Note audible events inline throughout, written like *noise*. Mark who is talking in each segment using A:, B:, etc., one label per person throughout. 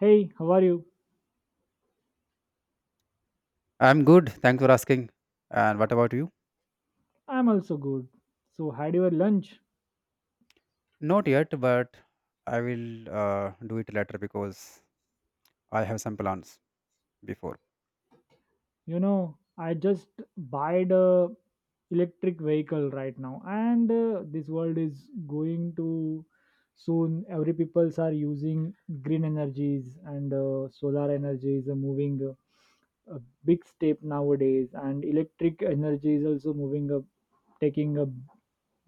A: Hey, how are you?
B: I'm good. Thanks for asking. And what about you?
A: I'm also good. So, had your lunch?
B: Not yet, but I will do it later because I have some plans before.
A: I just bought a electric vehicle right now, and this world is going to soon. Every peoples are using green energies and solar energy is a moving a big step nowadays, and electric energy is also moving up, taking a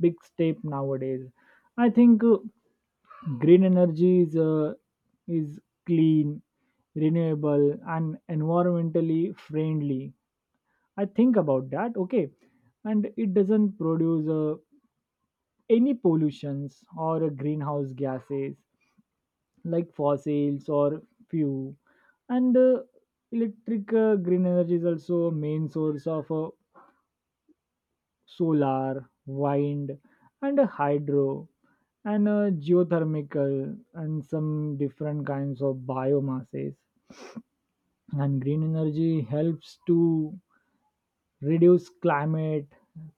A: big step nowadays. I think green energy is is clean renewable and environmentally friendly. I think about that. Okay. And it doesn't produce any pollutions or greenhouse gases like fossils or fuel. And electric green energy is also a main source of solar wind and hydro and geothermal and some different kinds of biomasses. And green energy helps to reduce climate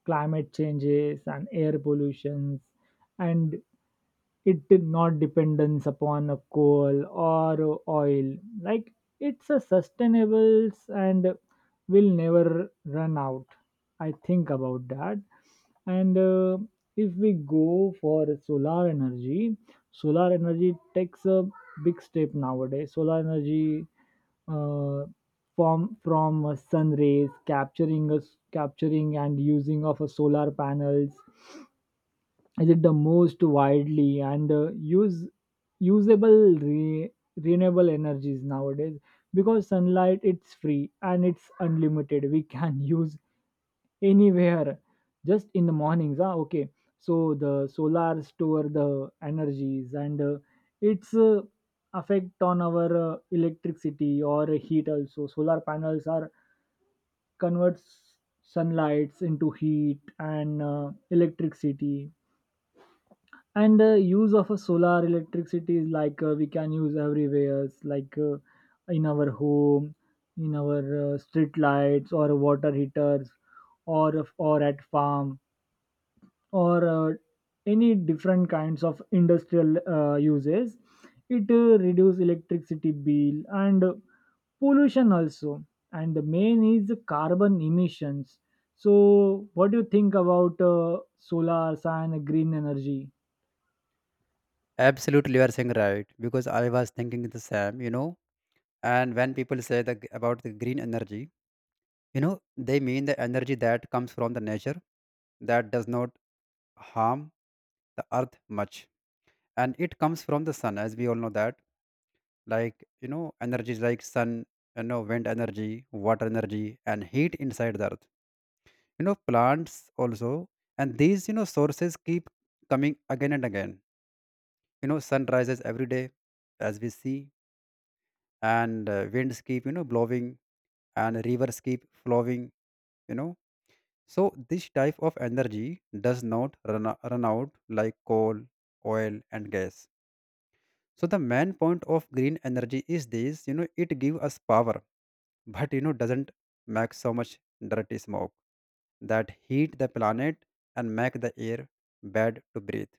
A: climate changes and air pollutions. And it did not dependence upon a coal or oil. Like, it's a sustainable and will never run out. I think about that. And if we go for solar energy, solar energy takes a big step nowadays. Solar energy uh, from sun rays capturing us capturing and using of a solar panels is it the most widely and use usable renewable energies nowadays, because sunlight it's free and it's unlimited. We can *laughs* use anywhere just in the mornings. Ah, okay. So the solar store the energies and its effect on our electricity or heat. Also solar panels are converts sunlights into heat and electricity. And the use of a solar electricity is like we can use everywhere. It's like in our home, in our street lights or water heaters, or at farm, or any different kinds of industrial uses. It reduce electricity bill and pollution also. And the main is the carbon emissions. So what do you think about solar and green energy?
B: Absolutely, you are saying right because I was thinking the same. And when people say about the green energy, they mean the energy that comes from the nature that does not harm the earth much. And it comes from the sun, as we all know that. Like energies like sun, wind energy, water energy, and heat inside the earth, plants also. And these sources keep coming again and again. Sun rises every day, as we see, and winds keep blowing, and rivers keep flowing you know so this type of energy does not run out like coal, oil, and gas. So the main point of green energy is this, it gives us power, but doesn't make so much dirty smoke that heat the planet and make the air bad to breathe.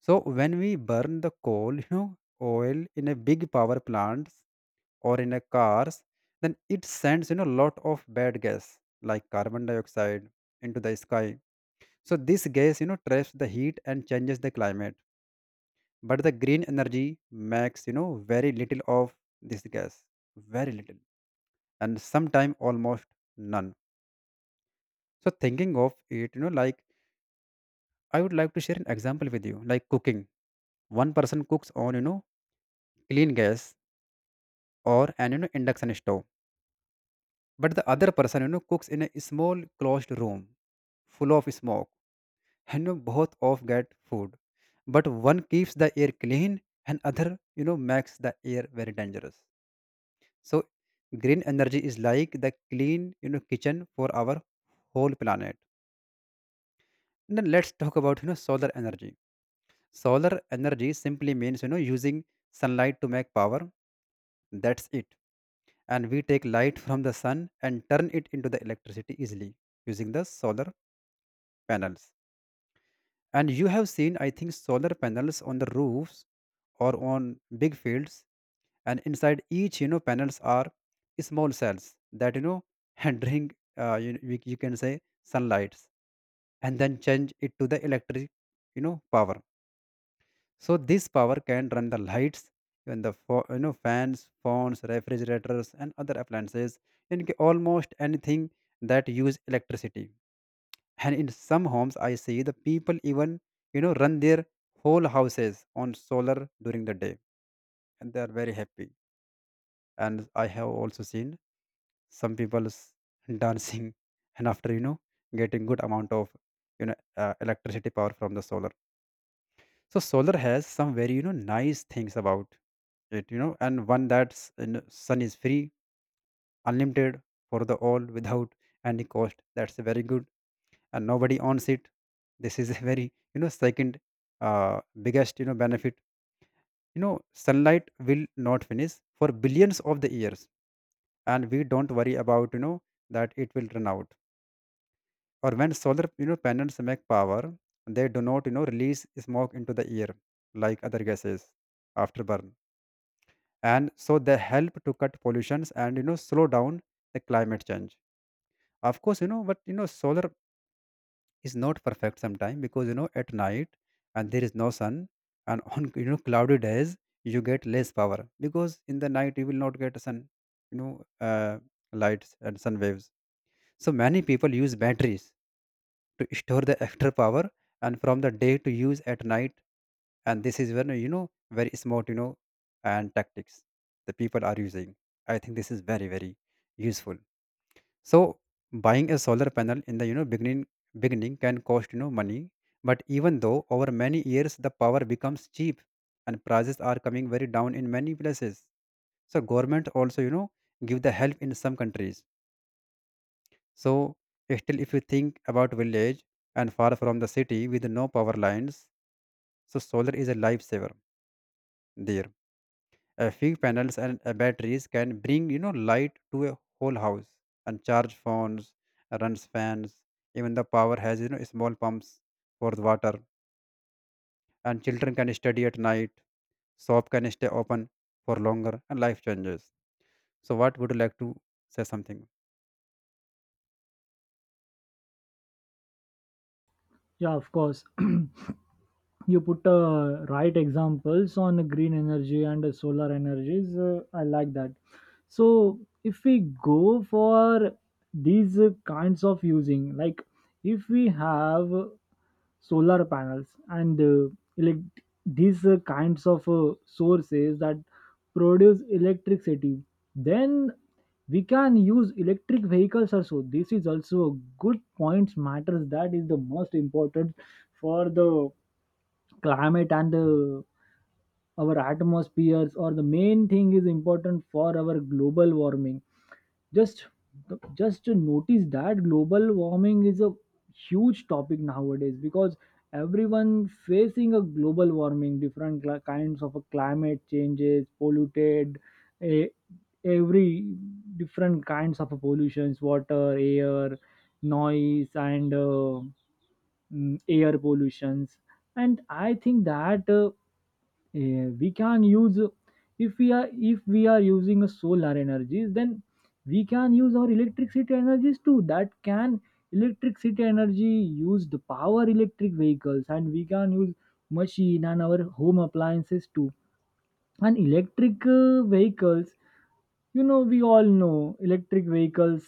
B: So when we burn the oil in a big power plants or in a cars, then it sends lot of bad gas like carbon dioxide into the sky. So this gas traps the heat and changes the climate. But the green energy makes very little of this gas, very little, and sometimes almost none. So thinking of it, like I would like to share an example with you, like cooking. One person cooks on, clean gas or an induction stove, but the other person, cooks in a small closed room full of smoke, and both of get food. But one keeps the air clean, and other, makes the air very dangerous. So green energy is like the clean, kitchen for our whole planet. And then let's talk about solar energy. Solar energy simply means, using sunlight to make power. That's it. And we take light from the sun and turn it into the electricity easily using the solar panels. And you have seen, I think, solar panels on the roofs or on big fields. And inside each, panels are small cells that, *laughs* and drink, you can say sunlights and then change it to the electric, power. So this power can run the lights, even the fans, phones, refrigerators, and other appliances, and almost anything that use electricity. And in some homes, I see the people even run their whole houses on solar during the day, and they are very happy. And I have also seen some people dancing, *laughs* and after getting good amount of electricity power from the solar. So solar has some very nice things about it, and one that's sun is free, unlimited for the all without any cost, that's very good, and nobody owns it. This is *laughs* a very second, biggest benefit. Sunlight will not finish for billions of the years, and we don't worry about that it will run out. Or when solar panels make power, they do not release smoke into the air like other gases after burn. And so they help to cut pollutions and slow down the climate change of course, but solar is not perfect sometimes because at night and there is no sun, and *laughs* on cloudy days you get less power because in the night you will not get sun you know uh, lights and sun waves. So many people use batteries to store the extra power and from the day to use at night, and this is when very smart and tactics the people are using. I think this is very very useful. So buying a solar panel in the beginning can cost money, but even though over many years the power becomes cheap, and prices are coming very down in many places. So government also give the help in some countries. So, still, if you think about village and far from the city with no power lines, so solar is a lifesaver there. A few panels and batteries can bring light to a whole house and charge phones, runs fans. Even the power has small pumps for the water, and children can study at night. Shop can stay open for longer, and life changes. So, what would you like to say something?
A: Yeah, of course. *clears throat* You put right examples on green energy and solar energies. I like that. So, if we go for these kinds of using, like if we have solar panels and elect- these kinds of sources that produce electricity, then we can use electric vehicles also. This is also a good point matters that is the most important for the climate and our atmospheres, or the main thing is important for our global warming. just just to notice that global warming is a huge topic nowadays, because everyone facing a global warming different kinds of a climate changes polluted a, every different kinds of a pollutions, water, air, noise, and air pollutions. And I think that we can use, if we are using a solar energies, then we can use our electricity energies too. That can electricity energy use the power electric vehicles, and we can use machine and our home appliances too. And electric vehicles, you know we all know electric vehicles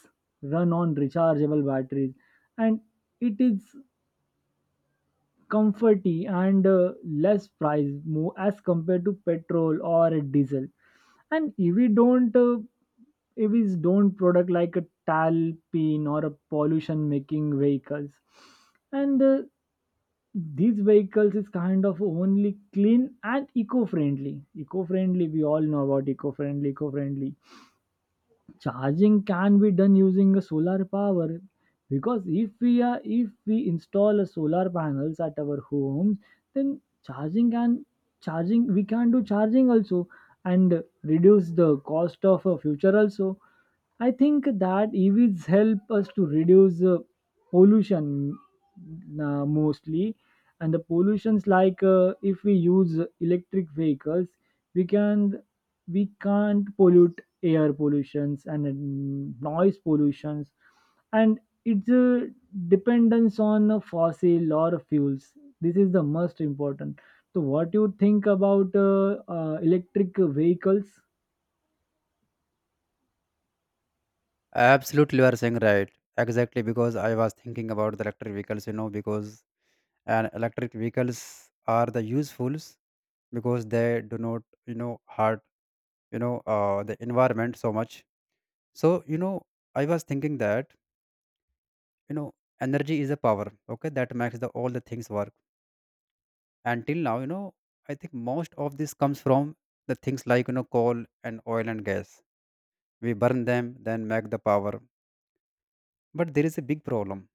A: run on rechargeable batteries. And it is comforty and less price more as compared to petrol or diesel. And EV don't uh, EVs don't product like a talpin or a pollution making vehicles. And these vehicles is kind of only clean and eco-friendly. We all know about eco-friendly. Charging can be done using a solar power, because if we install a solar panels at our homes, then charging can charging we can do charging also, and reduce the cost of a future also. I think that EVs help us to reduce pollution, mostly. And the pollutions, like if we use electric vehicles, we can, we can't pollute air pollutions and noise pollutions. And it's a dependence on a fossil or fuels. This is the most important. So what do you think about electric vehicles?
B: Absolutely, you are saying right. Exactly, because I was thinking about the electric vehicles, because and electric vehicles are the usefuls because they do not hurt the environment so much. So, I was thinking that, you know, energy is a power, okay, that makes the all the things work. Until now, I think most of this comes from the things like, coal and oil and gas. We burn them, then make the power. But there is a big problem,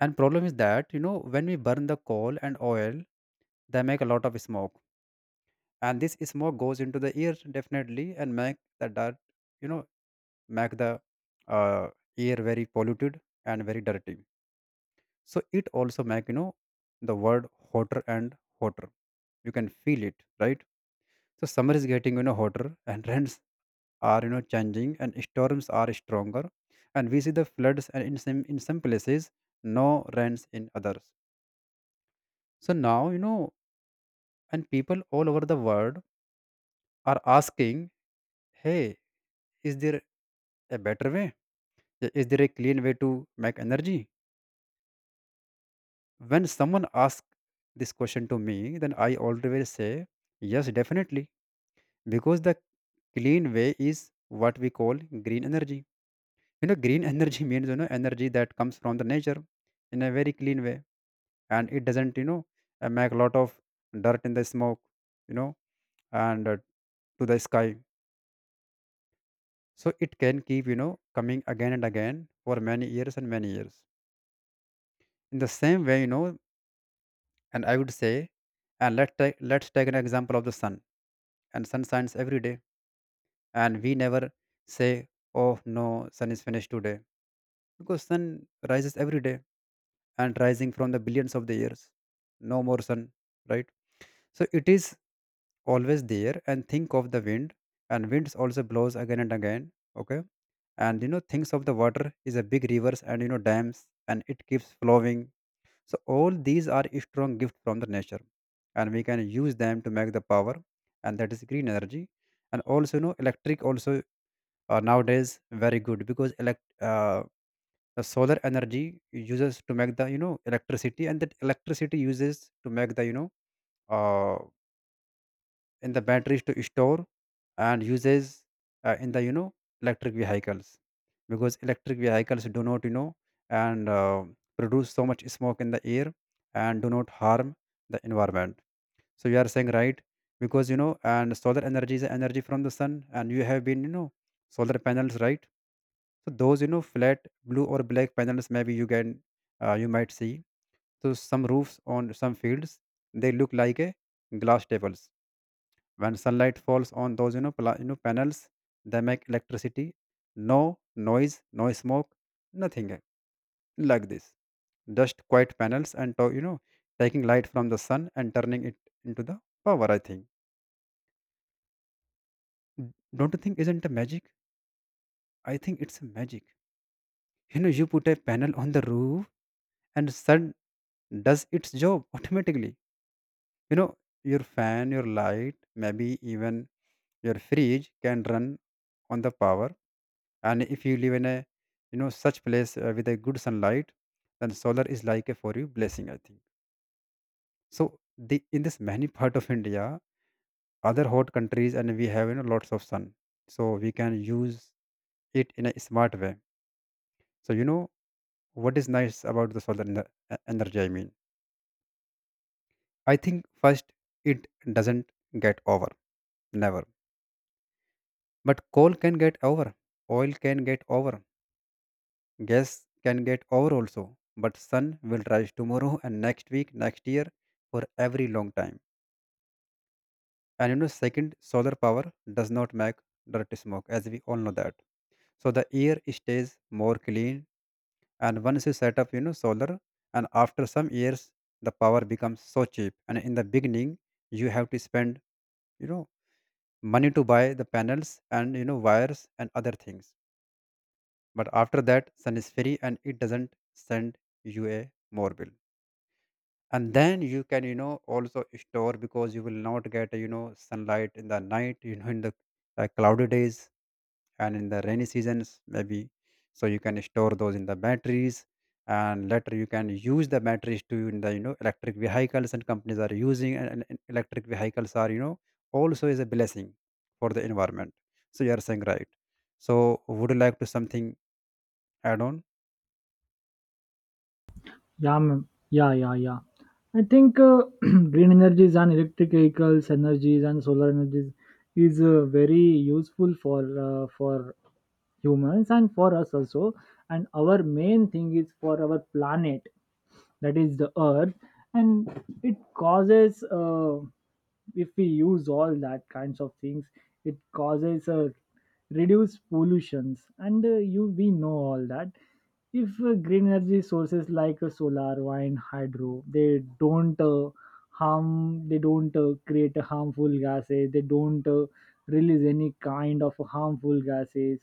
B: and problem is that when we burn the coal and oil, they make a lot of smoke, and this smoke goes into the ear definitely and make the dirt you know make the uh, ear very polluted and very dirty. So it also make the word hotter and hotter. You can feel it, right? So summer is getting hotter *laughs* and trends are changing, and storms are stronger, and we see the floods and in some places, no rains in others. So now and people all over the world are asking, hey, is there a better way? Is there a clean way to make energy? When someone asks this question to me, then I always say, yes, definitely, because the clean way is what we call green energy. Green *laughs* energy means, energy that comes from the nature in a very clean way, and it doesn't make a lot of dirt in the smoke, you know, and to the sky. So it can keep, coming again and again for many years and many years. In the same way, and I would say, and let's take an example of the sun. And sun shines every day, and we never say, "Oh no, sun is finished today," because sun rises every day and rising from the billions of the years. No more sun, right? So it is always there. And think of the wind, and winds also blows again and again. Okay, and things of the water is a big rivers and dams, and it keeps flowing. So all these are a strong gift from the nature, and we can use them to make the power, and that is green energy. And also electric also are nowadays very good because elect the solar energy uses to make the electricity, and that electricity uses to make the uh, in the batteries to store, and uses in the electric vehicles because electric vehicles do not and produce so much smoke in the air and do not harm the environment. So you are saying right because and solar energy is energy from the sun, and you have been solar panels, right? So those flat blue or black panels, maybe you might see so some roofs on some fields. They look like a glass tables. When sunlight falls on those panels, they make electricity. No noise, no smoke, nothing like this, just quiet panels and to, you know taking light from the sun and turning it into the power, I think. Mm, don't you think isn't a magic? I think it's a magic. You put a panel on the roof, and sun does its job *laughs* automatically. You know your fan, your light, maybe even your fridge can run on the power. And if you live in a such place with a good sunlight, then solar is like a for you blessing, I think. So the in this many *laughs* part of India, other hot countries, and we have lots of sun, so we can use it in a smart way. So what is nice about the solar energy I mean, I think first, it doesn't get over, never. But coal can get over, oil Can get over. Guests can get over also, but sun will rise tomorrow and next week, next year, for every long time. And second, solar power does not make dirt smoke, as we all know that. So the air stays more clean. And once you set up, solar, and after some years, the power becomes so cheap. And in the beginning, you have to spend, you know, money to buy the panels and wires and other things. But after that, sun is free and it doesn't send you a more bill. And then you can, also store, because you will not get, sunlight in the night, in the cloudy days and in the rainy seasons maybe. So you can store those in the batteries, and later you can use the batteries to in the, electric vehicles, and companies are using. And electric vehicles are, also, is a blessing for the environment. So you are saying right. So would you like to something add on?
A: Yeah, ma'am. Yeah. I think *clears throat* green energies and electric vehicles, energies and solar energies is very useful for humans and for us also. And our main thing is for our planet, that is the Earth, and it causes. If we use all that kinds of things, it causes a reduced pollutions, and you we know all that. If green energy sources like solar wind hydro, they don't harm, they don't create harmful gases, they don't release any kind of harmful gases.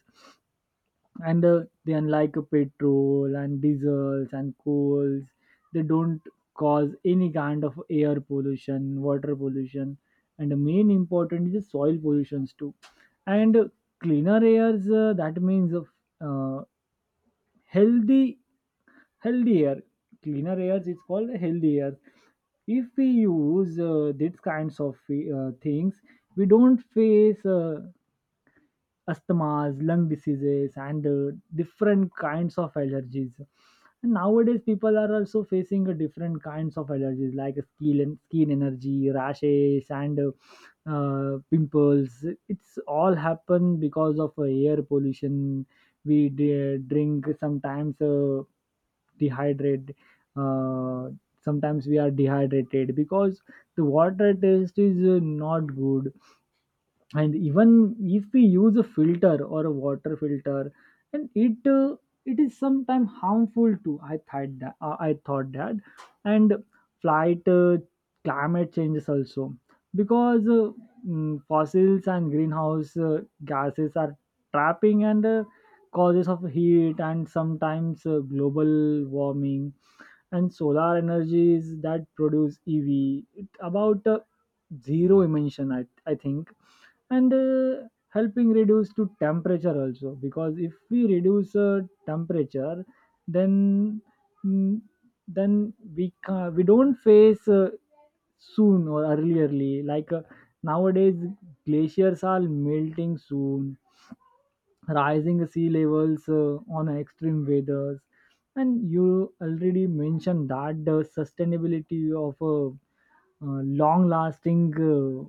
A: And they unlike petrol and diesels and coals, they don't cause any kind of air pollution, water pollution. And the main important is the soil pollutions too. And cleaner airs that means uh, healthy healthy air. Cleaner air is called healthy air. If we use these kinds of things, we don't face asthmas, lung diseases, and different kinds of allergies. And nowadays, people are also facing different kinds of allergies like skin and skin energy, rashes, and pimples. It's all happen because of air pollution. Drink sometimes. Dehydrate uh, sometimes. We are dehydrated because the water taste is not good. And even if we use a filter or a water filter, and it it is sometimes harmful too. I thought that. And flight climate changes also, because fossils and greenhouse gases are trapping and causes of heat and sometimes global warming. And solar energies that produce EV it about zero emission, I think. And helping reduce to temperature also, because if we reduce temperature, then mm, then we don't face soon or earlierly like nowadays. Glaciers are melting soon, rising sea levels on extreme weathers. And you already mentioned that the sustainability of long lasting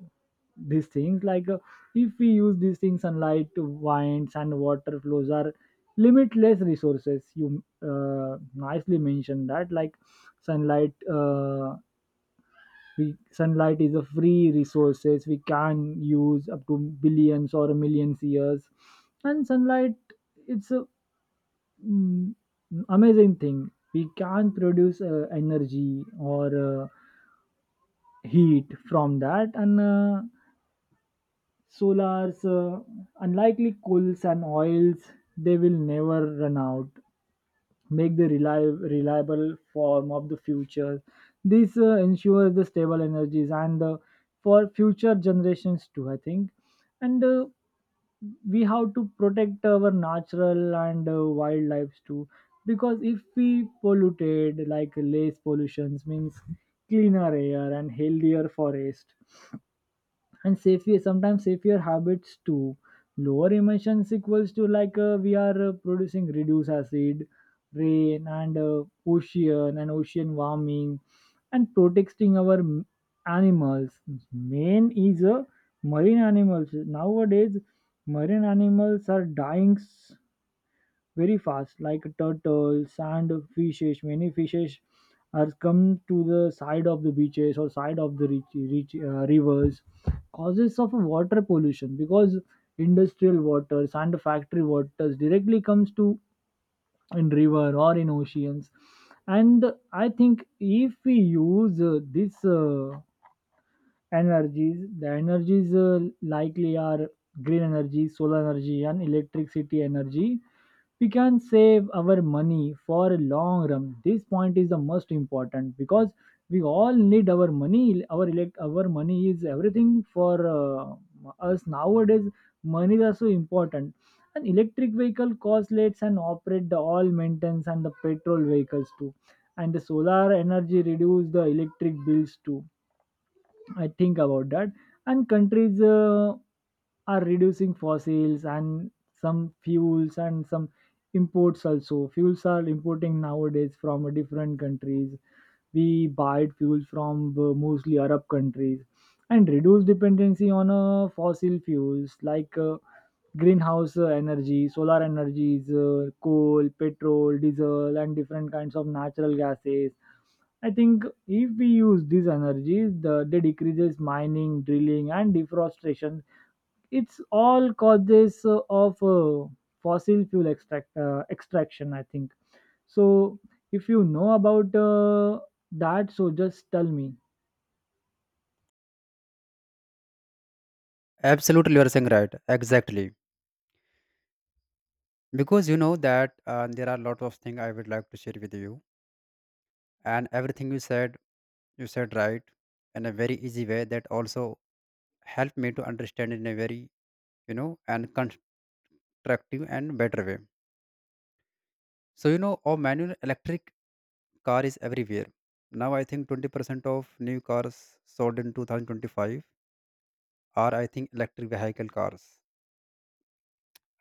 A: these things, like if we use these things sunlight winds and water flows are limitless resources. You nicely mentioned that, like sunlight we sunlight is a free resources. We can use up to billions or millions years. And sunlight it's a mm, amazing thing. We can produce energy or heat from that. And solars unlikely coals and oils, they will never run out. Make the reliable form of the future. This ensures the stable energies and for future generations too, I think. And we have to protect our natural and wildlife too, because if we polluted, like less pollutions means cleaner air and healthier forest and safe your sometimes safer habits to lower emissions equals to, like we are producing reduce acid rain and ocean and ocean warming and protecting our animals. Main is marine animals. Nowadays marine animals are dying very fast, like turtles and fishes. Many fishes are come to the side of the beaches or side of the rivers. Causes of water pollution because industrial waters and factory waters directly comes to in river or in oceans. And I think if we use this energies, the energies likely are green energy, solar energy, and electricity energy, we can save our money for a long run. This point is the most important because we all need our money, our elect our money is everything for us. Nowadays money is also important. And electric vehicle cost less and operate the all maintenance and the petrol vehicles too. And the solar energy reduce the electric bills too, I think about that. And countries are reducing fossils and some fuels and some imports also. Fuels are importing nowadays from different countries. We buy fuels from mostly Arab countries and reduce dependency on fossil fuels like greenhouse energy, solar energies, coal, petrol, diesel, and different kinds of natural gases. I think if we use these energies, they decreases mining, drilling, and deforestation. It's all causes of fossil fuel extraction, I think so. If you know about that, so just tell me.
B: Absolutely, you are saying right, exactly. Because that there are a lot of things I would like to share with you. And everything you said, you said right, in a very easy way that also helped me to understand in a very, and constructive and better way. So our manual electric car is everywhere now. I think 20% of new cars sold in 2025 are, I think, electric vehicle cars.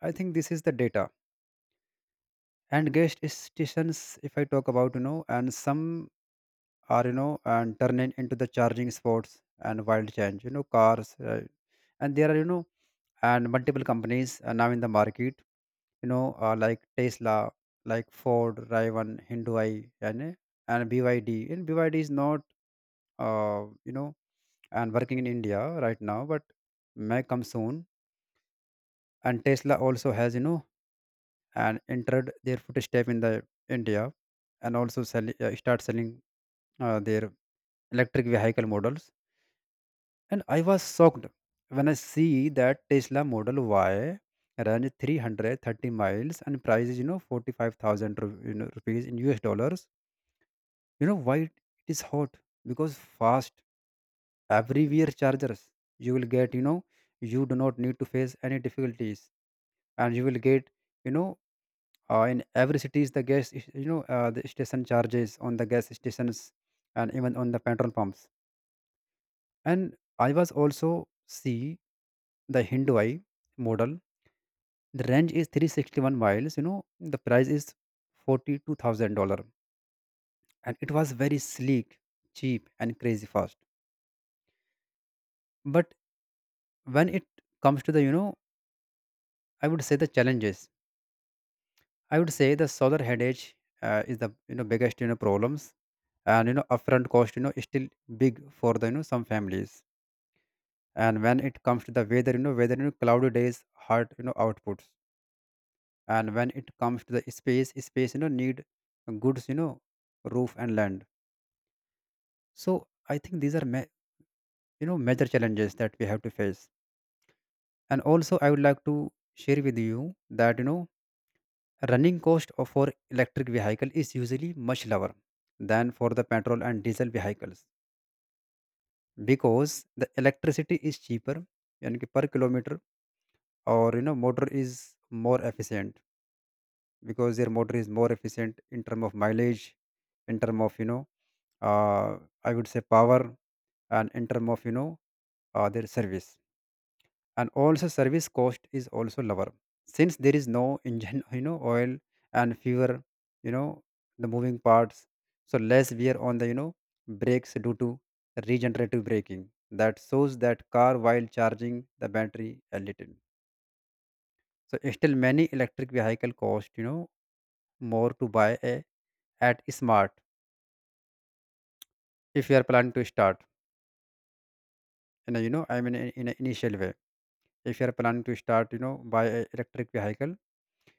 B: I think this is the data. And gas stations, if I talk about, and some are, and turn it into the charging sports and wild change, cars. And there are, and multiple companies, now in the market, like Tesla, like Ford, Riven, Hindai, and BYD. And BYD is not, uh, you know and working in India right now, but may come soon. And Tesla also has, and entered their footstep in the India, and also sell, start selling their electric vehicle models. And I was shocked when I see that Tesla Model Y ran 330 miles and price is, 45,000 ru- rupees in US dollars. You know why it is hot? Because fast, everywhere chargers. You will get, you do not need to face any difficulties. And you will get, you know, in every cities, the gas, is- the station charges on the gas stations, and even on the petrol pumps. And I was also see the Hindwai model. The range is 361 miles. You know, the price is $42,000. And it was very sleek, cheap, and crazy fast. But when it comes to the, I would say the challenges. I would say the solar headache is the, biggest, problems. And, upfront cost, is still big for the, some families. And when it comes to the weather, cloudy days, hurt, outputs. And when it comes to the space, need goods, roof and land. So I think these are major challenges that we have to face. And also I would like to share with you that, running cost of for electric vehicle is usually much lower than for the petrol and diesel vehicles, because the electricity is cheaper. Yani ki per kilometer, or motor is more efficient, because their motor is more efficient in term of mileage, in term of, uh, I would say, power, and in term of, their service. And also service cost is also lower, since there is no engine *laughs* oil, and fewer, you know the moving parts. So less wear on the, brakes, due to regenerative braking, that shows that car while charging the battery a little. So still many electric vehicle cost, more to buy a at smart. If you are planning to start in a, I mean, in an initial way, if you are planning to start, by a electric vehicle,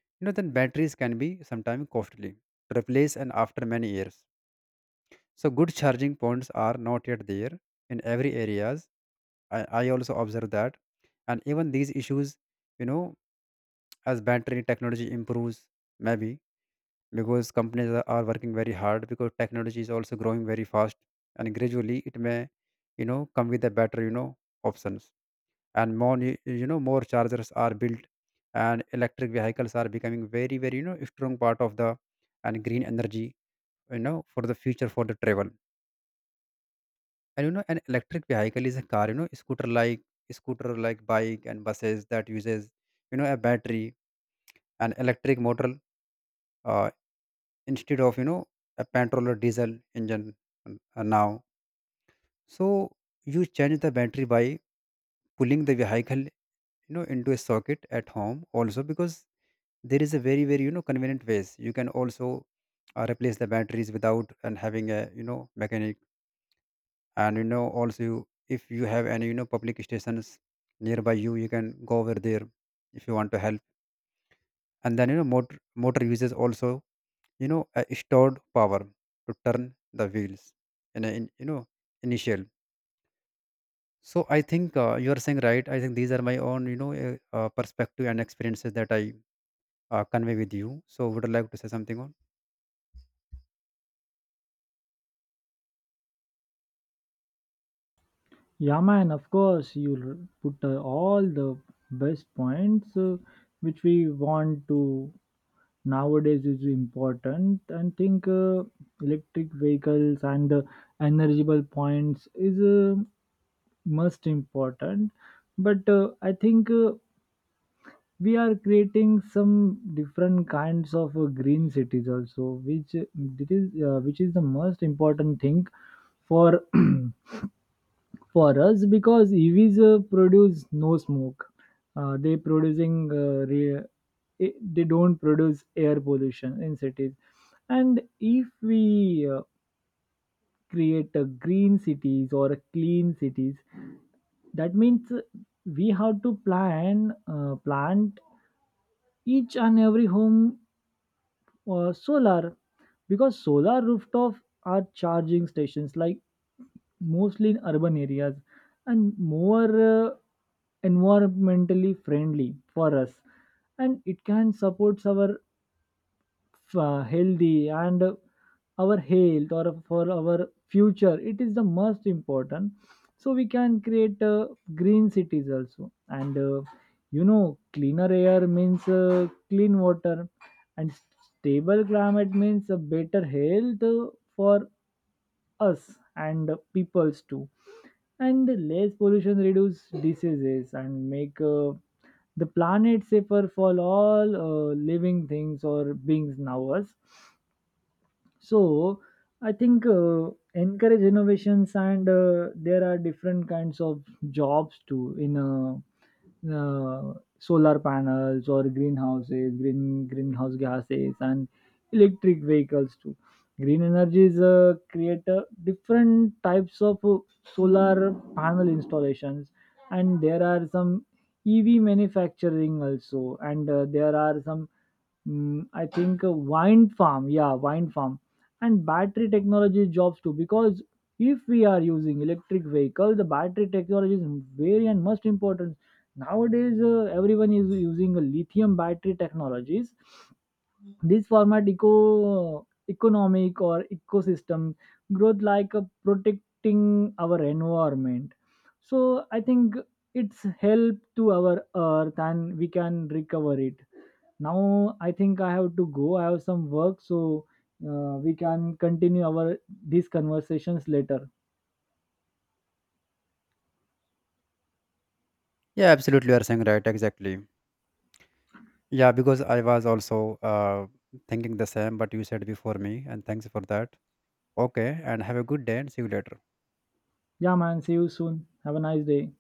B: then batteries can be sometimes costly to replace, and after many years. So good charging points are not yet there in every areas. I also observe that. And even these issues, you know as battery technology improves maybe, because companies are working very hard, because technology is also growing very fast, and gradually it may, come with a better, options. And more more chargers are built, and electric vehicles are becoming very very, strong part of the and green energy, for the future, for the travel. And an electric vehicle is a car, scooter like, bike and buses, that uses, a battery, an electric motor, uh. instead of, a petrol or diesel engine, now. So you change the battery by pulling the vehicle, into a socket at home also, because there is a very very, convenient ways. You can also replace the batteries without and having a, mechanic. And also you, if you have any, public stations nearby you, you can go over there if you want to help. And then, motor uses also, a stored power to turn the wheels, and in, initial. So I think, you are saying right. I think these are my own, perspective and experiences that I convey with you. So would you like to say something on?
A: Yeah, man. Of course, you'll put all the best points which we want to nowadays is important. And think electric vehicles and the energizable points is most important. But I think we are creating some different kinds of green cities also, which it is which is the most important thing for *clears throat* for us, because EVs produce no smoke. They producing re- I- They don't produce air pollution in cities. And if we create a green cities or a clean cities. That means we have to plant each and every home solar, because solar rooftop are charging stations like mostly in urban areas, and more environmentally friendly for us. And it can support our healthy and our health or for our future. It is the most important. So we can create green cities also. And you know, cleaner air means clean water, and stable climate means a better health for us and peoples too. And less pollution reduce diseases and make the planet safer for all living things or beings now us. So I think encourage innovations. And there are different kinds of jobs too, in solar panels or greenhouses, greenhouse gases, and electric vehicles too. Green energies create different types of solar panel installations, and there are some EV manufacturing also. And there are some I think a wind farm, yeah, wind farm, and battery technology jobs too. Because if we are using electric vehicle, the battery technology is very and most important nowadays. Everyone is using a lithium battery technologies. This format eco economic or ecosystem growth, like protecting our environment. So I think it's help to our earth and we can recover it. Now I think I have to go, I have some work. So we can continue our these conversations later.
B: Yeah, absolutely, you are saying right, exactly. Yeah, because I was also uh, thinking the same, but you said before me, and thanks for that. Okay, and have a good day, and see you later.
A: Yeah, man, see you soon, have a nice day.